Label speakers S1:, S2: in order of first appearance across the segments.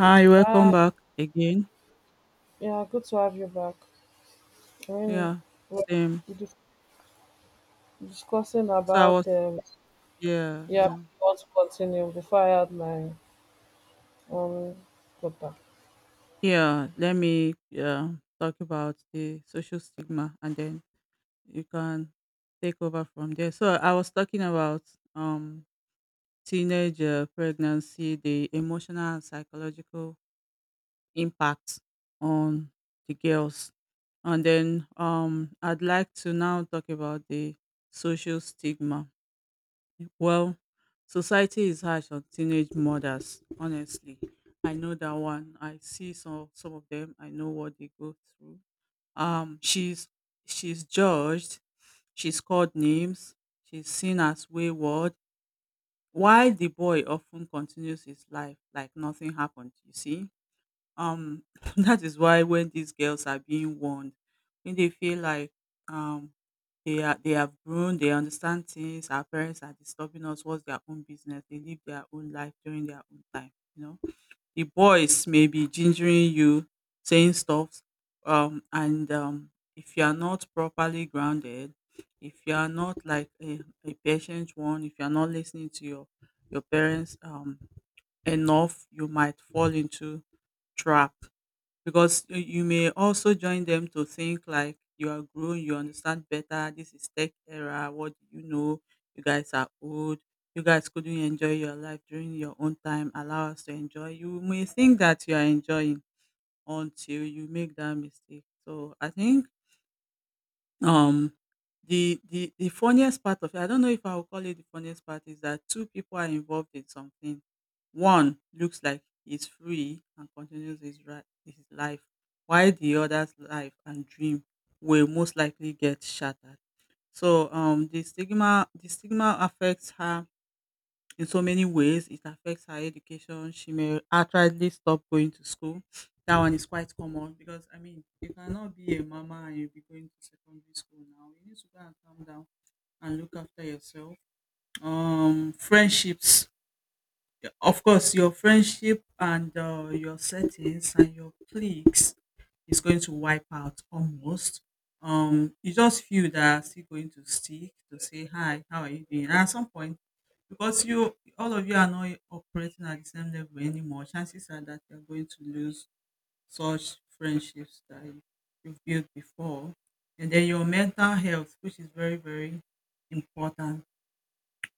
S1: Hi, welcome
S2: Uh,
S1: back again.
S2: yeah, good to have you back. I mean,
S1: Yeah,
S2: we're
S1: same.
S2: dis- discussing
S1: So I
S2: about
S1: was, yeah,
S2: yeah,
S1: yeah,
S2: we want to continue before I had my own quota.
S1: yeah. Let me yeah Talk about the social stigma, and then you can take over from there. So I was talking about um teenage pregnancy, the emotional and psychological impact on the girls, and then I'd like to now talk about the social stigma. Well, society is harsh on teenage mothers, honestly. I know that one. I see some of them. I know what they go through. Um she's she's judged, she's called names, she's seen as wayward, while the boy often continues his life like nothing happened, you see? Um that is why when these girls are being warned, when they feel like um they have grown, they understand things, our parents are disturbing us, what's their own business, they live their own life during their own time, you know. The boys may be gingering you, saying stuff, and if you are not properly grounded, if you are not like a patient one, if you are not listening to your parents enough, you might fall into trap because you may also join them to think like you are grown, you understand better. This is tech era. What do you know? You guys are old. You guys couldn't enjoy your life during your own time. Allow us to enjoy. You may think that you are enjoying until you make that mistake. So I think um, the funniest part of it, I don't know if I will call it the funniest part, is that two people are involved in something. One looks like he's free and continues his life, while the other's life and dream will most likely get shattered. So the stigma affects her in so many ways. It affects her education. She may outrightly stop going to school. That one is quite common because I mean you cannot be a mama and you be going to secondary school now. You need to go and calm down and look after yourself. Friendships, yeah, of course, your friendship and your settings and your cliques is going to wipe out almost. You just feel that are still going to stick to say hi, how are you doing? And at some point, because you all of you are not operating at the same level anymore, chances are that you're going to lose such friendships that you've built before. And then your mental health, which is very, very important,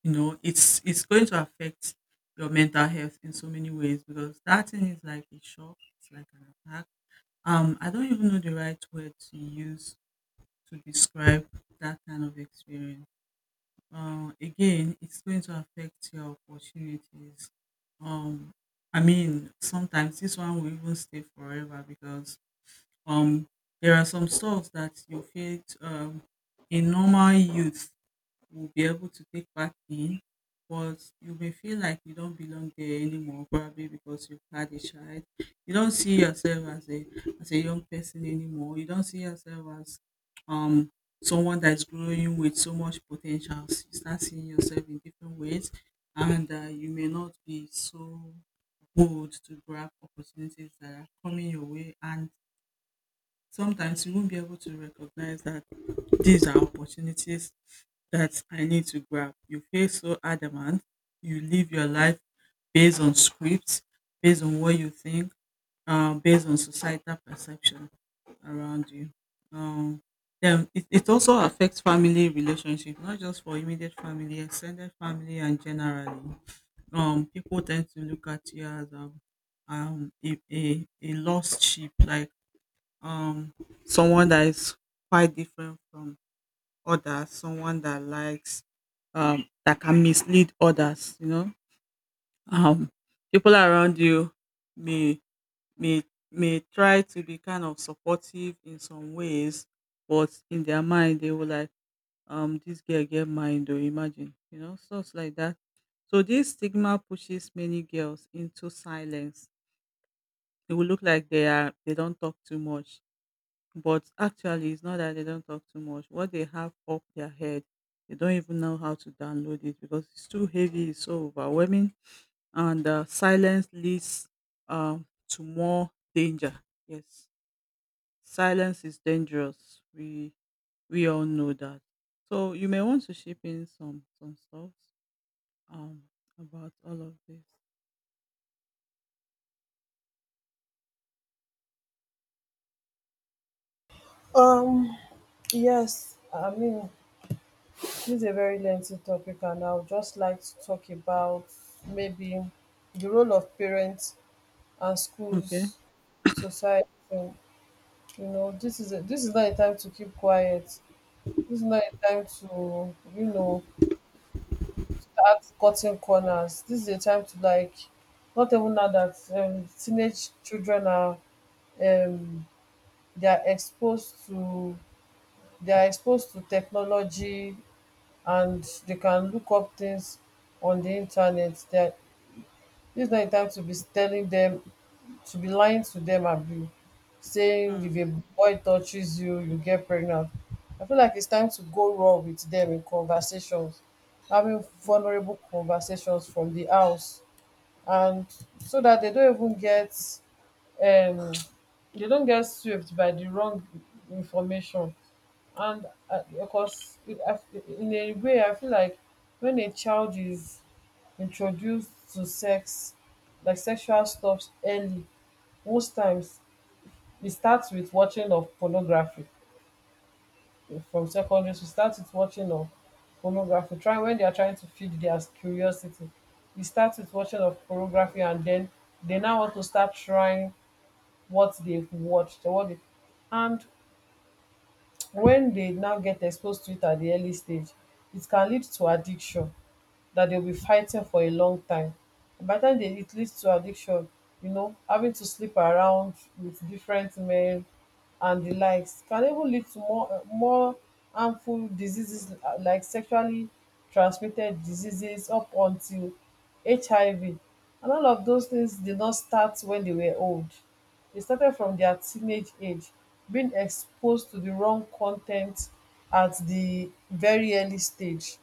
S1: you know, it's going to affect your mental health in so many ways because that thing is like a shock, it's like an attack. I don't even know the right word to use to describe that kind of experience. Again, it's going to affect your opportunities. um I mean sometimes this one will even stay forever because um there are some stuff that you feel in normal youth will be able to take part in, but you may feel like you don't belong there anymore, probably because you've had a child. You don't see yourself as a young person anymore. You don't see yourself as um someone that's growing with so much potential. You start seeing yourself in different ways, and you may not be so bold to grab opportunities that are coming your way, and sometimes you won't be able to recognize that these are opportunities that I need to grab. You feel so adamant. You live your life based on scripts, based on what you think, based on societal perception around you. Um, then it also affects family relationship, not just for immediate family, extended family, and generally. People tend to look at you as a lost sheep, like um, someone that is quite different from others, someone that likes that can mislead others, you know. Um People around you may may may try to be kind of supportive in some ways, but in their mind they will like this girl get mind or imagine, you know, stuff like that. So this stigma pushes many girls into silence. It will look like they don't talk too much. But actually, it's not that they don't talk too much. What they have up their head, they don't even know how to download it because it's too heavy, it's so overwhelming, and silence leads, to more danger. Yes, silence is dangerous. We all know that. So you may want to ship in some stuff um, about all of this.
S2: Um, yes, this is a very lengthy topic, and I would just like to talk about maybe the role of parents and
S1: Okay.
S2: schools, society. You know, this is not a time to keep quiet. This is not a time to at cutting corners. This is a time to not even now that teenage children are um they are exposed to they are exposed to technology, and they can look up things on the internet. That this is not a time to be telling them, to be lying to them and be saying
S1: Mm,
S2: if a boy touches you, you get pregnant. I feel like it's time to go raw with them in conversations, having
S1: mm,
S2: vulnerable conversations from the house, and so that they don't even get um they don't get swept by the wrong information. And because it, I- In a way I feel like when a child is introduced to sex, like sexual stuff early, most times it starts with watching of pornography. From secondary school start with watching of pornography. Try when they are trying to feed their curiosity, we start with watching of pornography, and then they now want to start trying what they've watched or what they and When they now get exposed to it at the early stage, it can lead to addiction that they'll be fighting for a long time. And by the time it leads to addiction, you know, having to sleep around with different men and the likes, can even lead to more harmful diseases, like sexually transmitted diseases up until HIV. And all of those things did not start when they were old. They started from their teenage age, being exposed to the wrong content at the very early stage.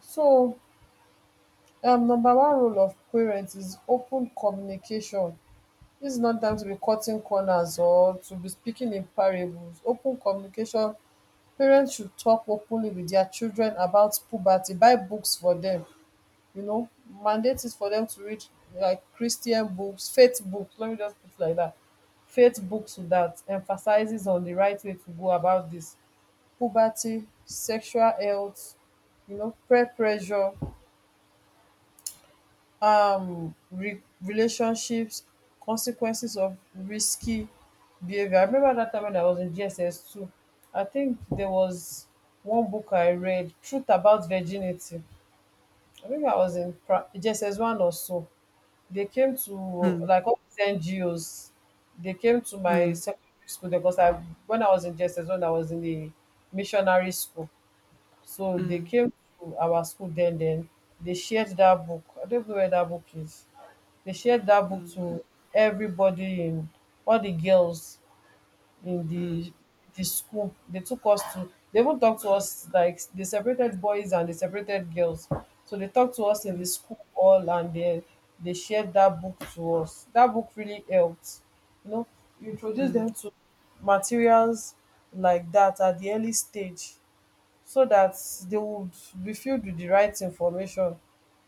S2: So number one rule of parents is open communication. This is not time to be cutting corners or to be speaking in parables. Open communication. Parents should talk openly with their children about puberty. Buy books for them, you know, mandate is for them to read like Christian books, faith books. Let me just put it like that. Faith books that emphasizes on the right way to go about this. Puberty, sexual health, you know, peer pressure, relationships, consequences of risky behavior. I remember that time when I was in GSS 2. I think there was one book I read, Truth About Virginity. I think I was in GSS 1 or so. They came to, like all these NGOs, they came to my
S1: mm,
S2: secondary school because I, when I was in GSS 1, I was in the missionary school. So they
S1: mm,
S2: came to our school then they shared that book. I don't know where that book is. They shared that book
S1: mm,
S2: to everybody in all the girls in
S1: mm, mm,
S2: the school. They took us to, they even talked to us, like they separated boys and they separated girls. So they talked to us in the
S1: mm,
S2: school all, and they shared that book to us. That book really helped. You know, you introduce
S1: mm,
S2: them to materials like that at the early stage, so that they would be filled with the right information,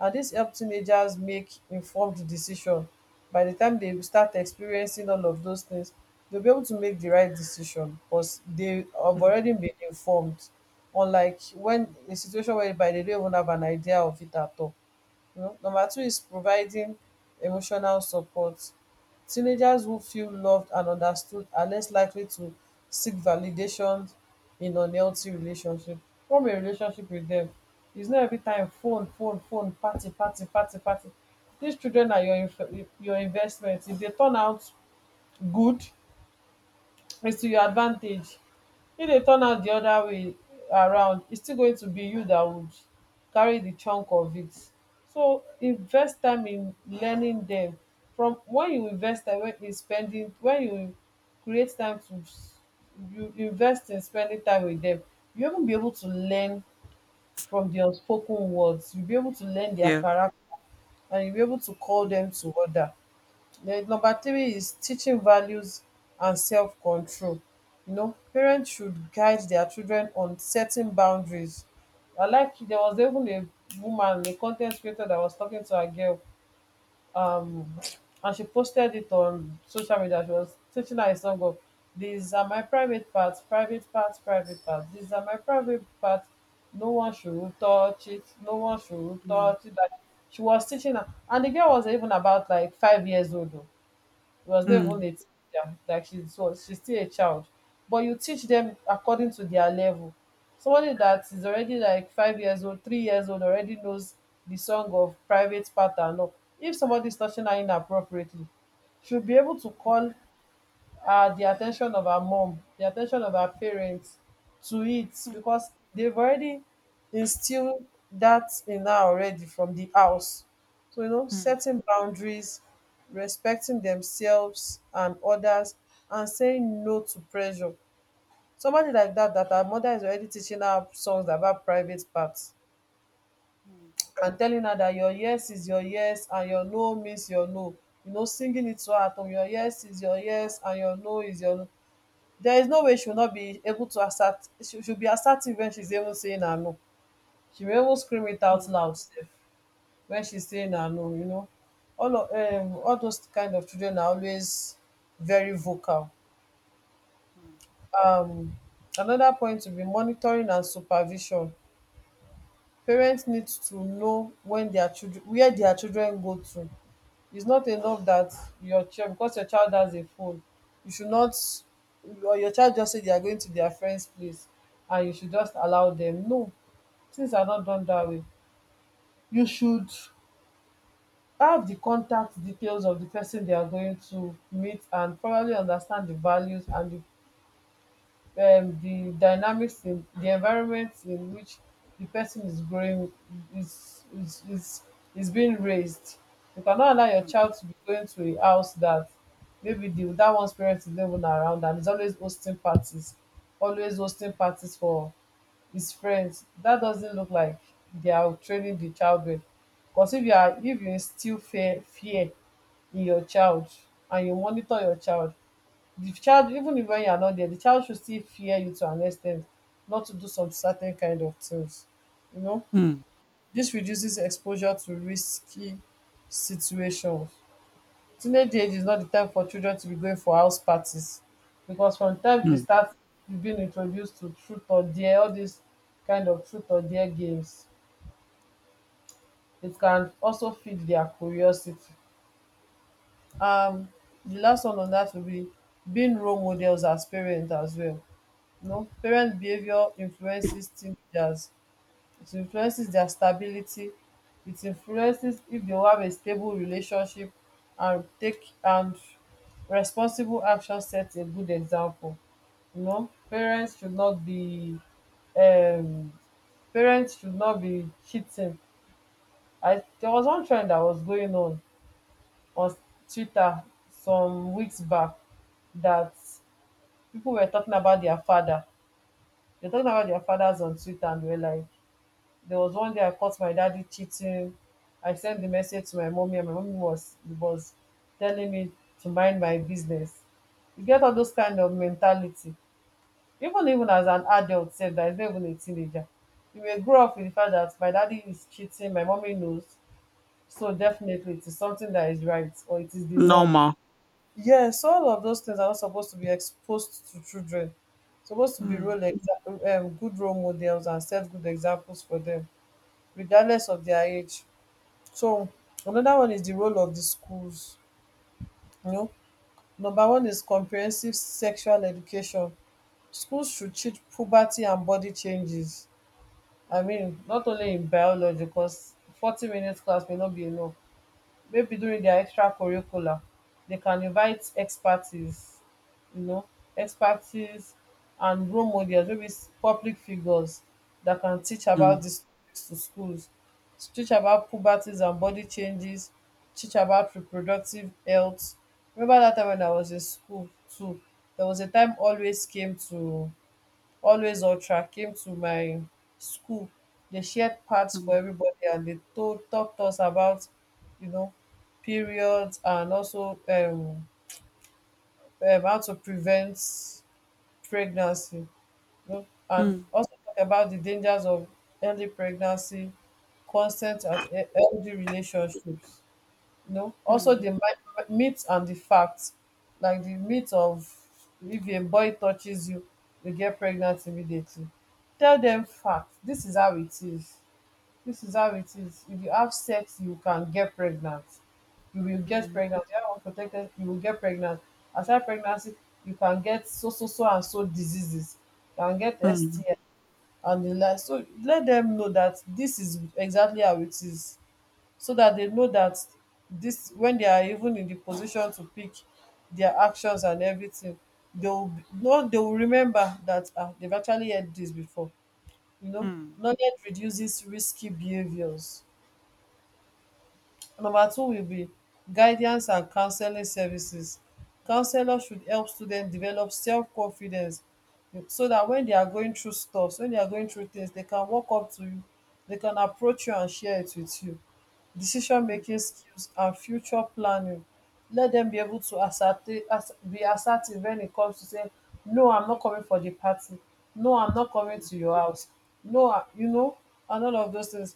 S2: and this help teenagers make informed decision. By the time they start experiencing all of those things, they'll be able to make the right decision, cos they have
S1: mm.
S2: already been informed, unlike when a situation whereby dey don't even have an idea of it at all. You know, number two is providing emotional support. Teenagers who feel loved and understood are less likely to seek validation in unhealthy relationship. Form a relationship with them. It's not every time phone, phone, phone, party, party, party, party. These children are your your investment. If they turn out good, is to your advantage. If they turn out the other way around, it's still going to be you that would carry the chunk of it. So invest time in learning them. From when you invest time wey in spending when you create time to s- You invest in spending time with them, you even be able to learn from di unspoken words, you will be able to learn their
S1: Yes.
S2: character, and you will be able to call them to order. Then number three is teaching values and self-control. You know, parents should guide their children on setting boundaries. I like there was even a woman, a content creator that was talking to a girl, um, and she posted it on social media. She was teaching her a song of these are my private parts, private parts, private parts, these are my private parts. No one should touch it, no one should
S1: Mm,
S2: touch it. Like, she was teaching her, and the girl was even about like 5 years old. Oh. It was not even
S1: mm.
S2: 18. Yeah, like she's still a child. But you teach them according to their level. Somebody that is already like 5 years old, 3 years old, already knows the song of private part and all. If somebody is touching her inappropriately, she'll be able to call the attention of our mom, the attention of our parents to it, because they've already instilled that in her already from the house. So, you know,
S1: Mm,
S2: setting boundaries, respecting themselves and others, and saying no to pressure. Somebody like that, that her mother is already teaching her songs about private parts
S1: mm.
S2: and telling her that your yes is your yes and your no means your no. You know, singing it to her at home, your yes is your yes and your no is your no. There is no way she will not be able to assert she she'll be assertive when she's even saying her no. She may even scream it out
S1: Mm.
S2: loud sef when she's saying her no, you know. All those kind of children are always very vocal.
S1: Mm.
S2: Um another point will be monitoring and supervision. Parents need to know when their children where their children go to. It's not enough that your child because your child has a phone, you should not, or your child just say they are going to their friend's place and you should just allow them. No, things are not done that way. You should have the contact details of the person they are going to meet, and probably understand the values and the dynamics in the environment in which the person is growing is is is is being raised. You cannot allow your child to be going to a house that maybe the that one's parents is not even around and is always hosting parties for his friends. That doesn't look like they are training the child well. Because if you are, if you instill fear in your child and you monitor your child, the child, even if when you are not there, the child should still fear you to an extent not to do some certain kind of things, you know.
S1: Mm,
S2: This reduces exposure to risky situations. Teenage age is not the time for children to be going for house parties, because from the time they
S1: mm.
S2: start being introduced to truth or dare, all these kind of truth or dare games, it can also feed their curiosity. um the last one on that will be being role models as parents as well. No, parent behavior influences teenagers. It influences their stability. It influences if they have a stable relationship, and take and responsible action sets a good example. You know, um parents should not be cheating. I there was one trend that was going on Twitter some weeks back, that people were talking about their father. They're talking about their fathers on Twitter, and they were like, there was one day I caught my daddy cheating. I sent the message to my mommy, and my mommy was telling me to mind my business. You get all those kind of mentality. Even as an adult sef, that is not even a teenager, you may grow up with the fact that my daddy is cheating, my mommy knows, so definitely it is something that is right or it is the norm.
S1: Normal.
S2: Yes, all of those things are not supposed to be exposed to children. Supposed to be
S1: Mm.
S2: good role models and set good examples for them regardless of their age. So another one is the role of the schools. You know, number one is comprehensive sexual education. Schools should teach puberty and body changes. I mean, not only in biology, because 40 minutes class may not be enough, maybe during their extracurricular they can invite expertise, you know expertise and role models, maybe public figures that can teach about
S1: Mm.
S2: this to schools, teach about puberties and body changes, teach about reproductive health. Remember that time when I was in school too, there was a time always came to, always ultra came to my school, they shared parts for everybody and they told talked us about, you know periods and also how to prevent pregnancy, and
S1: Mm,
S2: also talk about the dangers of early pregnancy, consent and healthy relationships, you know, also the
S1: mm,
S2: myth and the fact, like the myth of if a boy touches you, you get pregnant immediately. Tell them fact, this is how it is, this is how it is. If you have sex you can get pregnant, you will get
S1: mm,
S2: pregnant, you have unprotected you will get pregnant. Aside pregnancy, you can get so so so and so diseases, you can get
S1: mm.
S2: STI and the like. So let them know that this is exactly how it is, so that they know that this, when they are even in the position to pick their actions and everything, they will be- no they will remember that, ah, they've actually heard this before. You know,
S1: Mm,
S2: knowledge reduces risky behaviours. Number two will be guidance and counselling services. Counsellors should help students develop self-confidence, so that when they are going through stuff, when they are going through things, they can walk up to you, they can approach you and share it with you.
S1: mm,
S2: Decision-making skills and future planning, let dem be able to ascertain, as be assertive when it comes to say no I'm not coming for the party, no I'm not coming
S1: mm.
S2: to your house, no I- you know, and all of those things.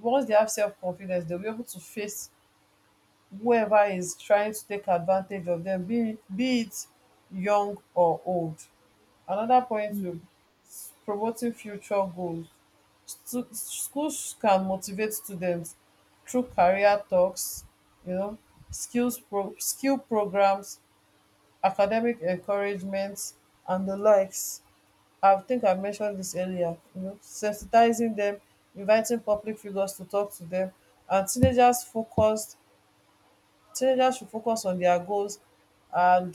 S2: Once they have self-confidence, they'll be able to face whoever is trying to take advantage of them, be it young or old. Another point
S1: Mm.
S2: to promoting future goals, schools can motivate students through career talks, you know, skill programmes, academic encouragement and the likes. I think I mentioned this earlier. You know, sensitizing them, inviting public figures to talk to them, and teenagers should focus on their goals, and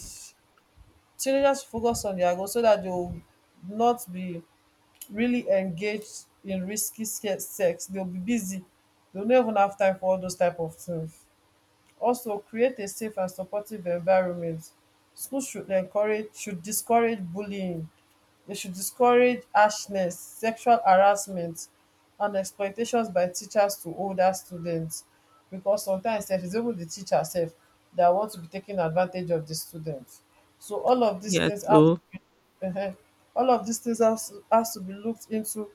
S2: teenagers should focus on their goals so that they will not be really engaged in sex, they'll be busy, they'll not even have time for all those type of things. Also create a safe and supportive environment. Schools should discourage bullying, they should discourage harshness, sexual harassment, and expectations by teachers to older students, because sometimes sef it's even the teacher self that want to be taking advantage of the students. So all of these
S1: Yes,
S2: things have,
S1: so.
S2: um all of these things has to be looked into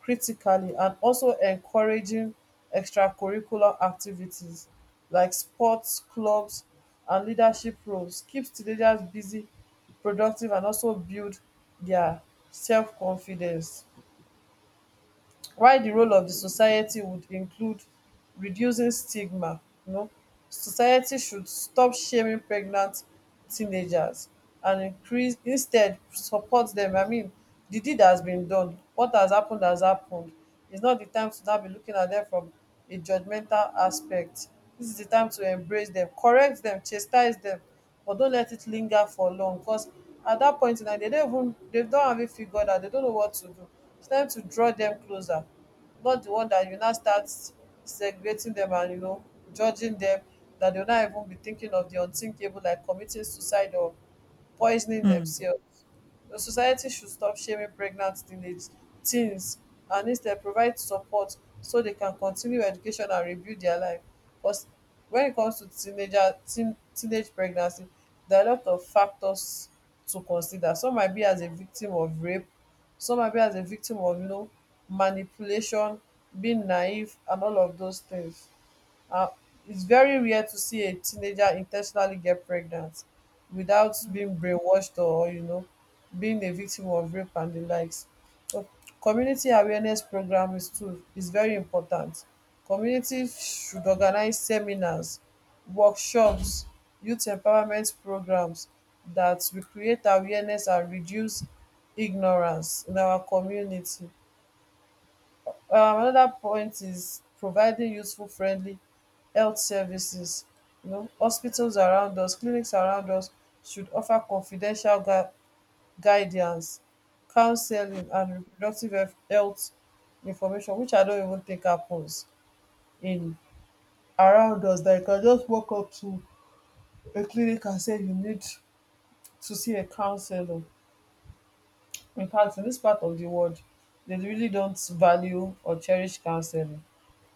S2: critically. And also encouraging extracurricular activities like sports clubs and leadership roles keeps teenagers busy, productive, and also build their self confidence. While di role of di society would include reducing stigma, um society should stop shaming pregnant teenagers and increase, instead support dem. I mean di deed has been done, what has happened has happened. It's not the time to now be looking at them from a judgmental aspect. This is the time to embrace them, correct them, chastise them, but don't let it linger for long. Because at that point in time, they don't have it figured out. They don't know what to do. It's time to draw them closer, not the one that you now start segregating them and, you know, judging them. That they'll not even be thinking of the unthinkable, like committing suicide or poisoning
S1: Mm.
S2: themselves. The society should stop shaming pregnant teenage teens and instead provide support so they can continue education and rebuild their life. Because when it comes to teenage pregnancy, there are a lot of factors to consider. Some might be as a victim of rape, some might be as a victim of, you know, manipulation, being naive, and all of those things. Uh, it's very rare to see a teenager intentionally get pregnant without
S1: Mm.
S2: being brainwashed or, you know, being a victim of rape and the likes. So community awareness program is too, is very important. Community should organize seminars, workshops, youth empowerment programs that will create awareness and reduce ignorance in our community. Another point is providing useful friendly health services. You know, hospitals around us, clinics around us should offer confidential guidance, counseling, and reproductive health information, which I don't even think happens in around us. That you can just walk up to a clinic and say you need to see a counselor. In fact, in this part of the world, they really don't value or cherish counseling.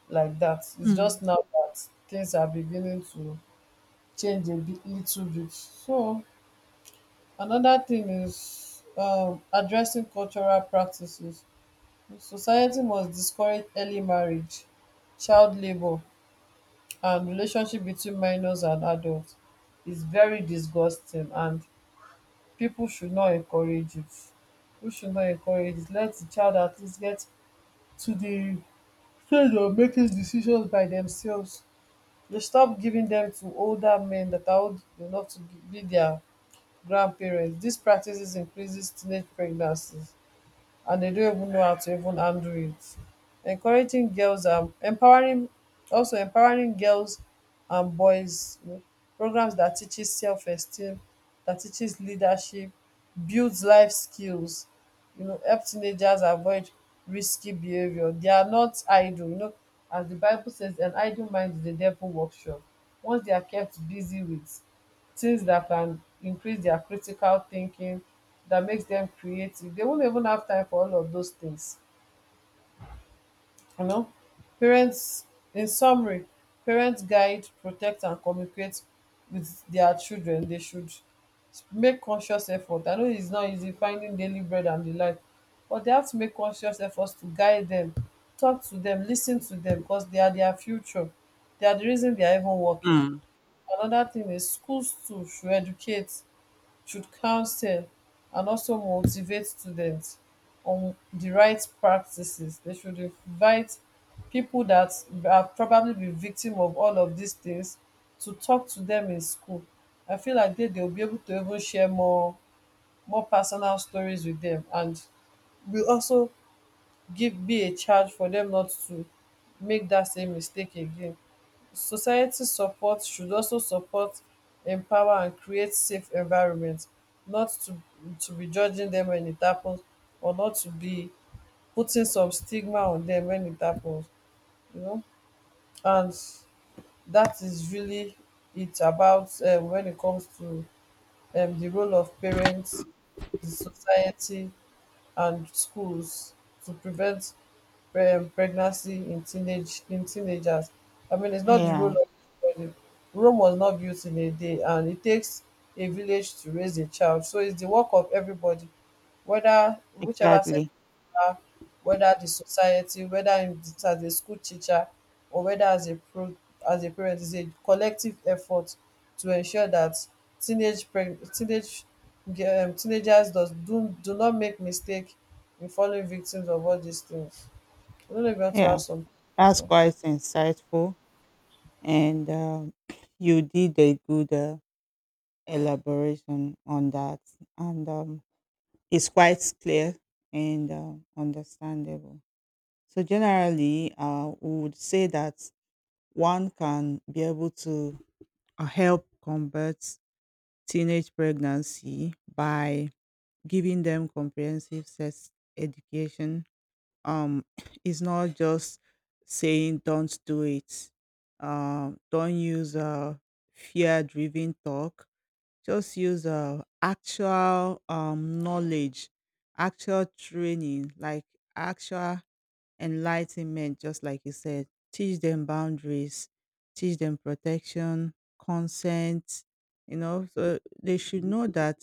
S2: Like that. It's just
S1: Mm.
S2: now that things are beginning to change a bit, little bit. So another thing is, addressing cultural practices. Society must discourage early marriage, child labor, and relationship between minors and adults. It's very disgusting, and people should not encourage it. We should not encourage it. Let the child at least get to the stage of making decisions by themselves. They stop giving them to older men that are old enough to be their grandparents; this practices increases teenage pregnancies and they don't even know how to even handle it. Encouraging girls and empowering Also empowering girls and boys, you know, programs that teaches self-esteem, that teaches leadership, builds life skills, you know, help teenagers avoid risky behavior. They are not idle, you know, as the Bible says, an idle mind is the devil workshop. Once they are kept busy with things that can increase their critical thinking, that makes them creative, they won't even have time for all of those things. You know, parents, in summary, parents guide, protect, and communicate with their children. They should make conscious effort. I know it's not easy finding daily bread and the like, but they have to make conscious efforts to guide them, talk to them, listen to them, because they are their future. They are the reason they are even working.
S1: Mm.
S2: Another thing is schools too should educate, should counsel, and also motivate students on the right practices. They should invite people that have probably been victim of all of these things to talk to them in school. I feel like they'll be able to even share more, more personal stories with them, and will also give, be a charge for them not to make that same mistake again. Society support should also support, empower, and create safe environments, not to, to be judging them when it happens, or not to be putting some stigma on them when it happens, you know. And that is really it about, wen it comes to, the role of parents, the society and schools to prevent pregnancy in teenagers. I mean, it's not the role
S1: Yeah,
S2: of everybody. Rome was not built in a day, and it takes a village to raise a child. So it's the work of everybody, whether whichever sector,
S1: exactly.
S2: whether the society, whether as a school teacher, or whether as a parent, is a collective effort to ensure that teenage preg- teenage teenagers does do do not make mistake in falling victims of all these things. I don't know if you want to add
S1: Yeah,
S2: some.
S1: that's quite insightful, and you did a good elaboration on that, and it's quite clear and understandable. So generally, we would say that one can be able to help combat teenage pregnancy by giving them comprehensive sex education. Um, it's not just saying don't do it. Don't use fear-driven talk. Just use actual knowledge, actual training, like actual enlightenment, just like you said. Teach them boundaries, teach them protection, consent, you know, so they should know that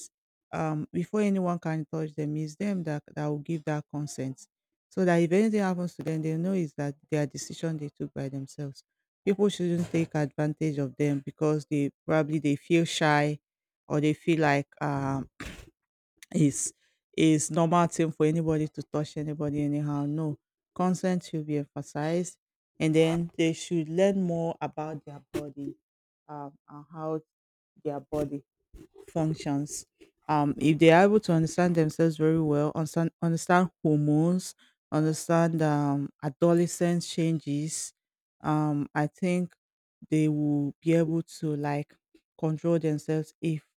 S1: before anyone can touch them, it's them that will give that consent. So that if anything happens to them, they know is that their decision they took by themselves. People shouldn't take advantage of them because they probably they feel shy or they feel like is is normal thing for anybody to touch anybody anyhow. No, consent should be emphasized, and then they should learn more about their body, and how their body functions. If they are able to understand themselves very well, understand hormones, understand adolescence changes, I think they will be able to like control themselves if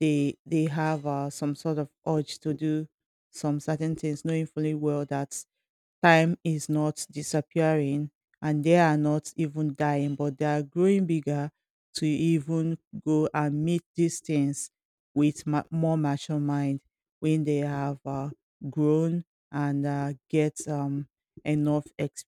S1: they have some sort of urge to do some certain things, knowing fully well that time is not disappearing and they are not even dying but they are growing bigger to even go and meet these things with more mature mind when they have grown and get enough experience.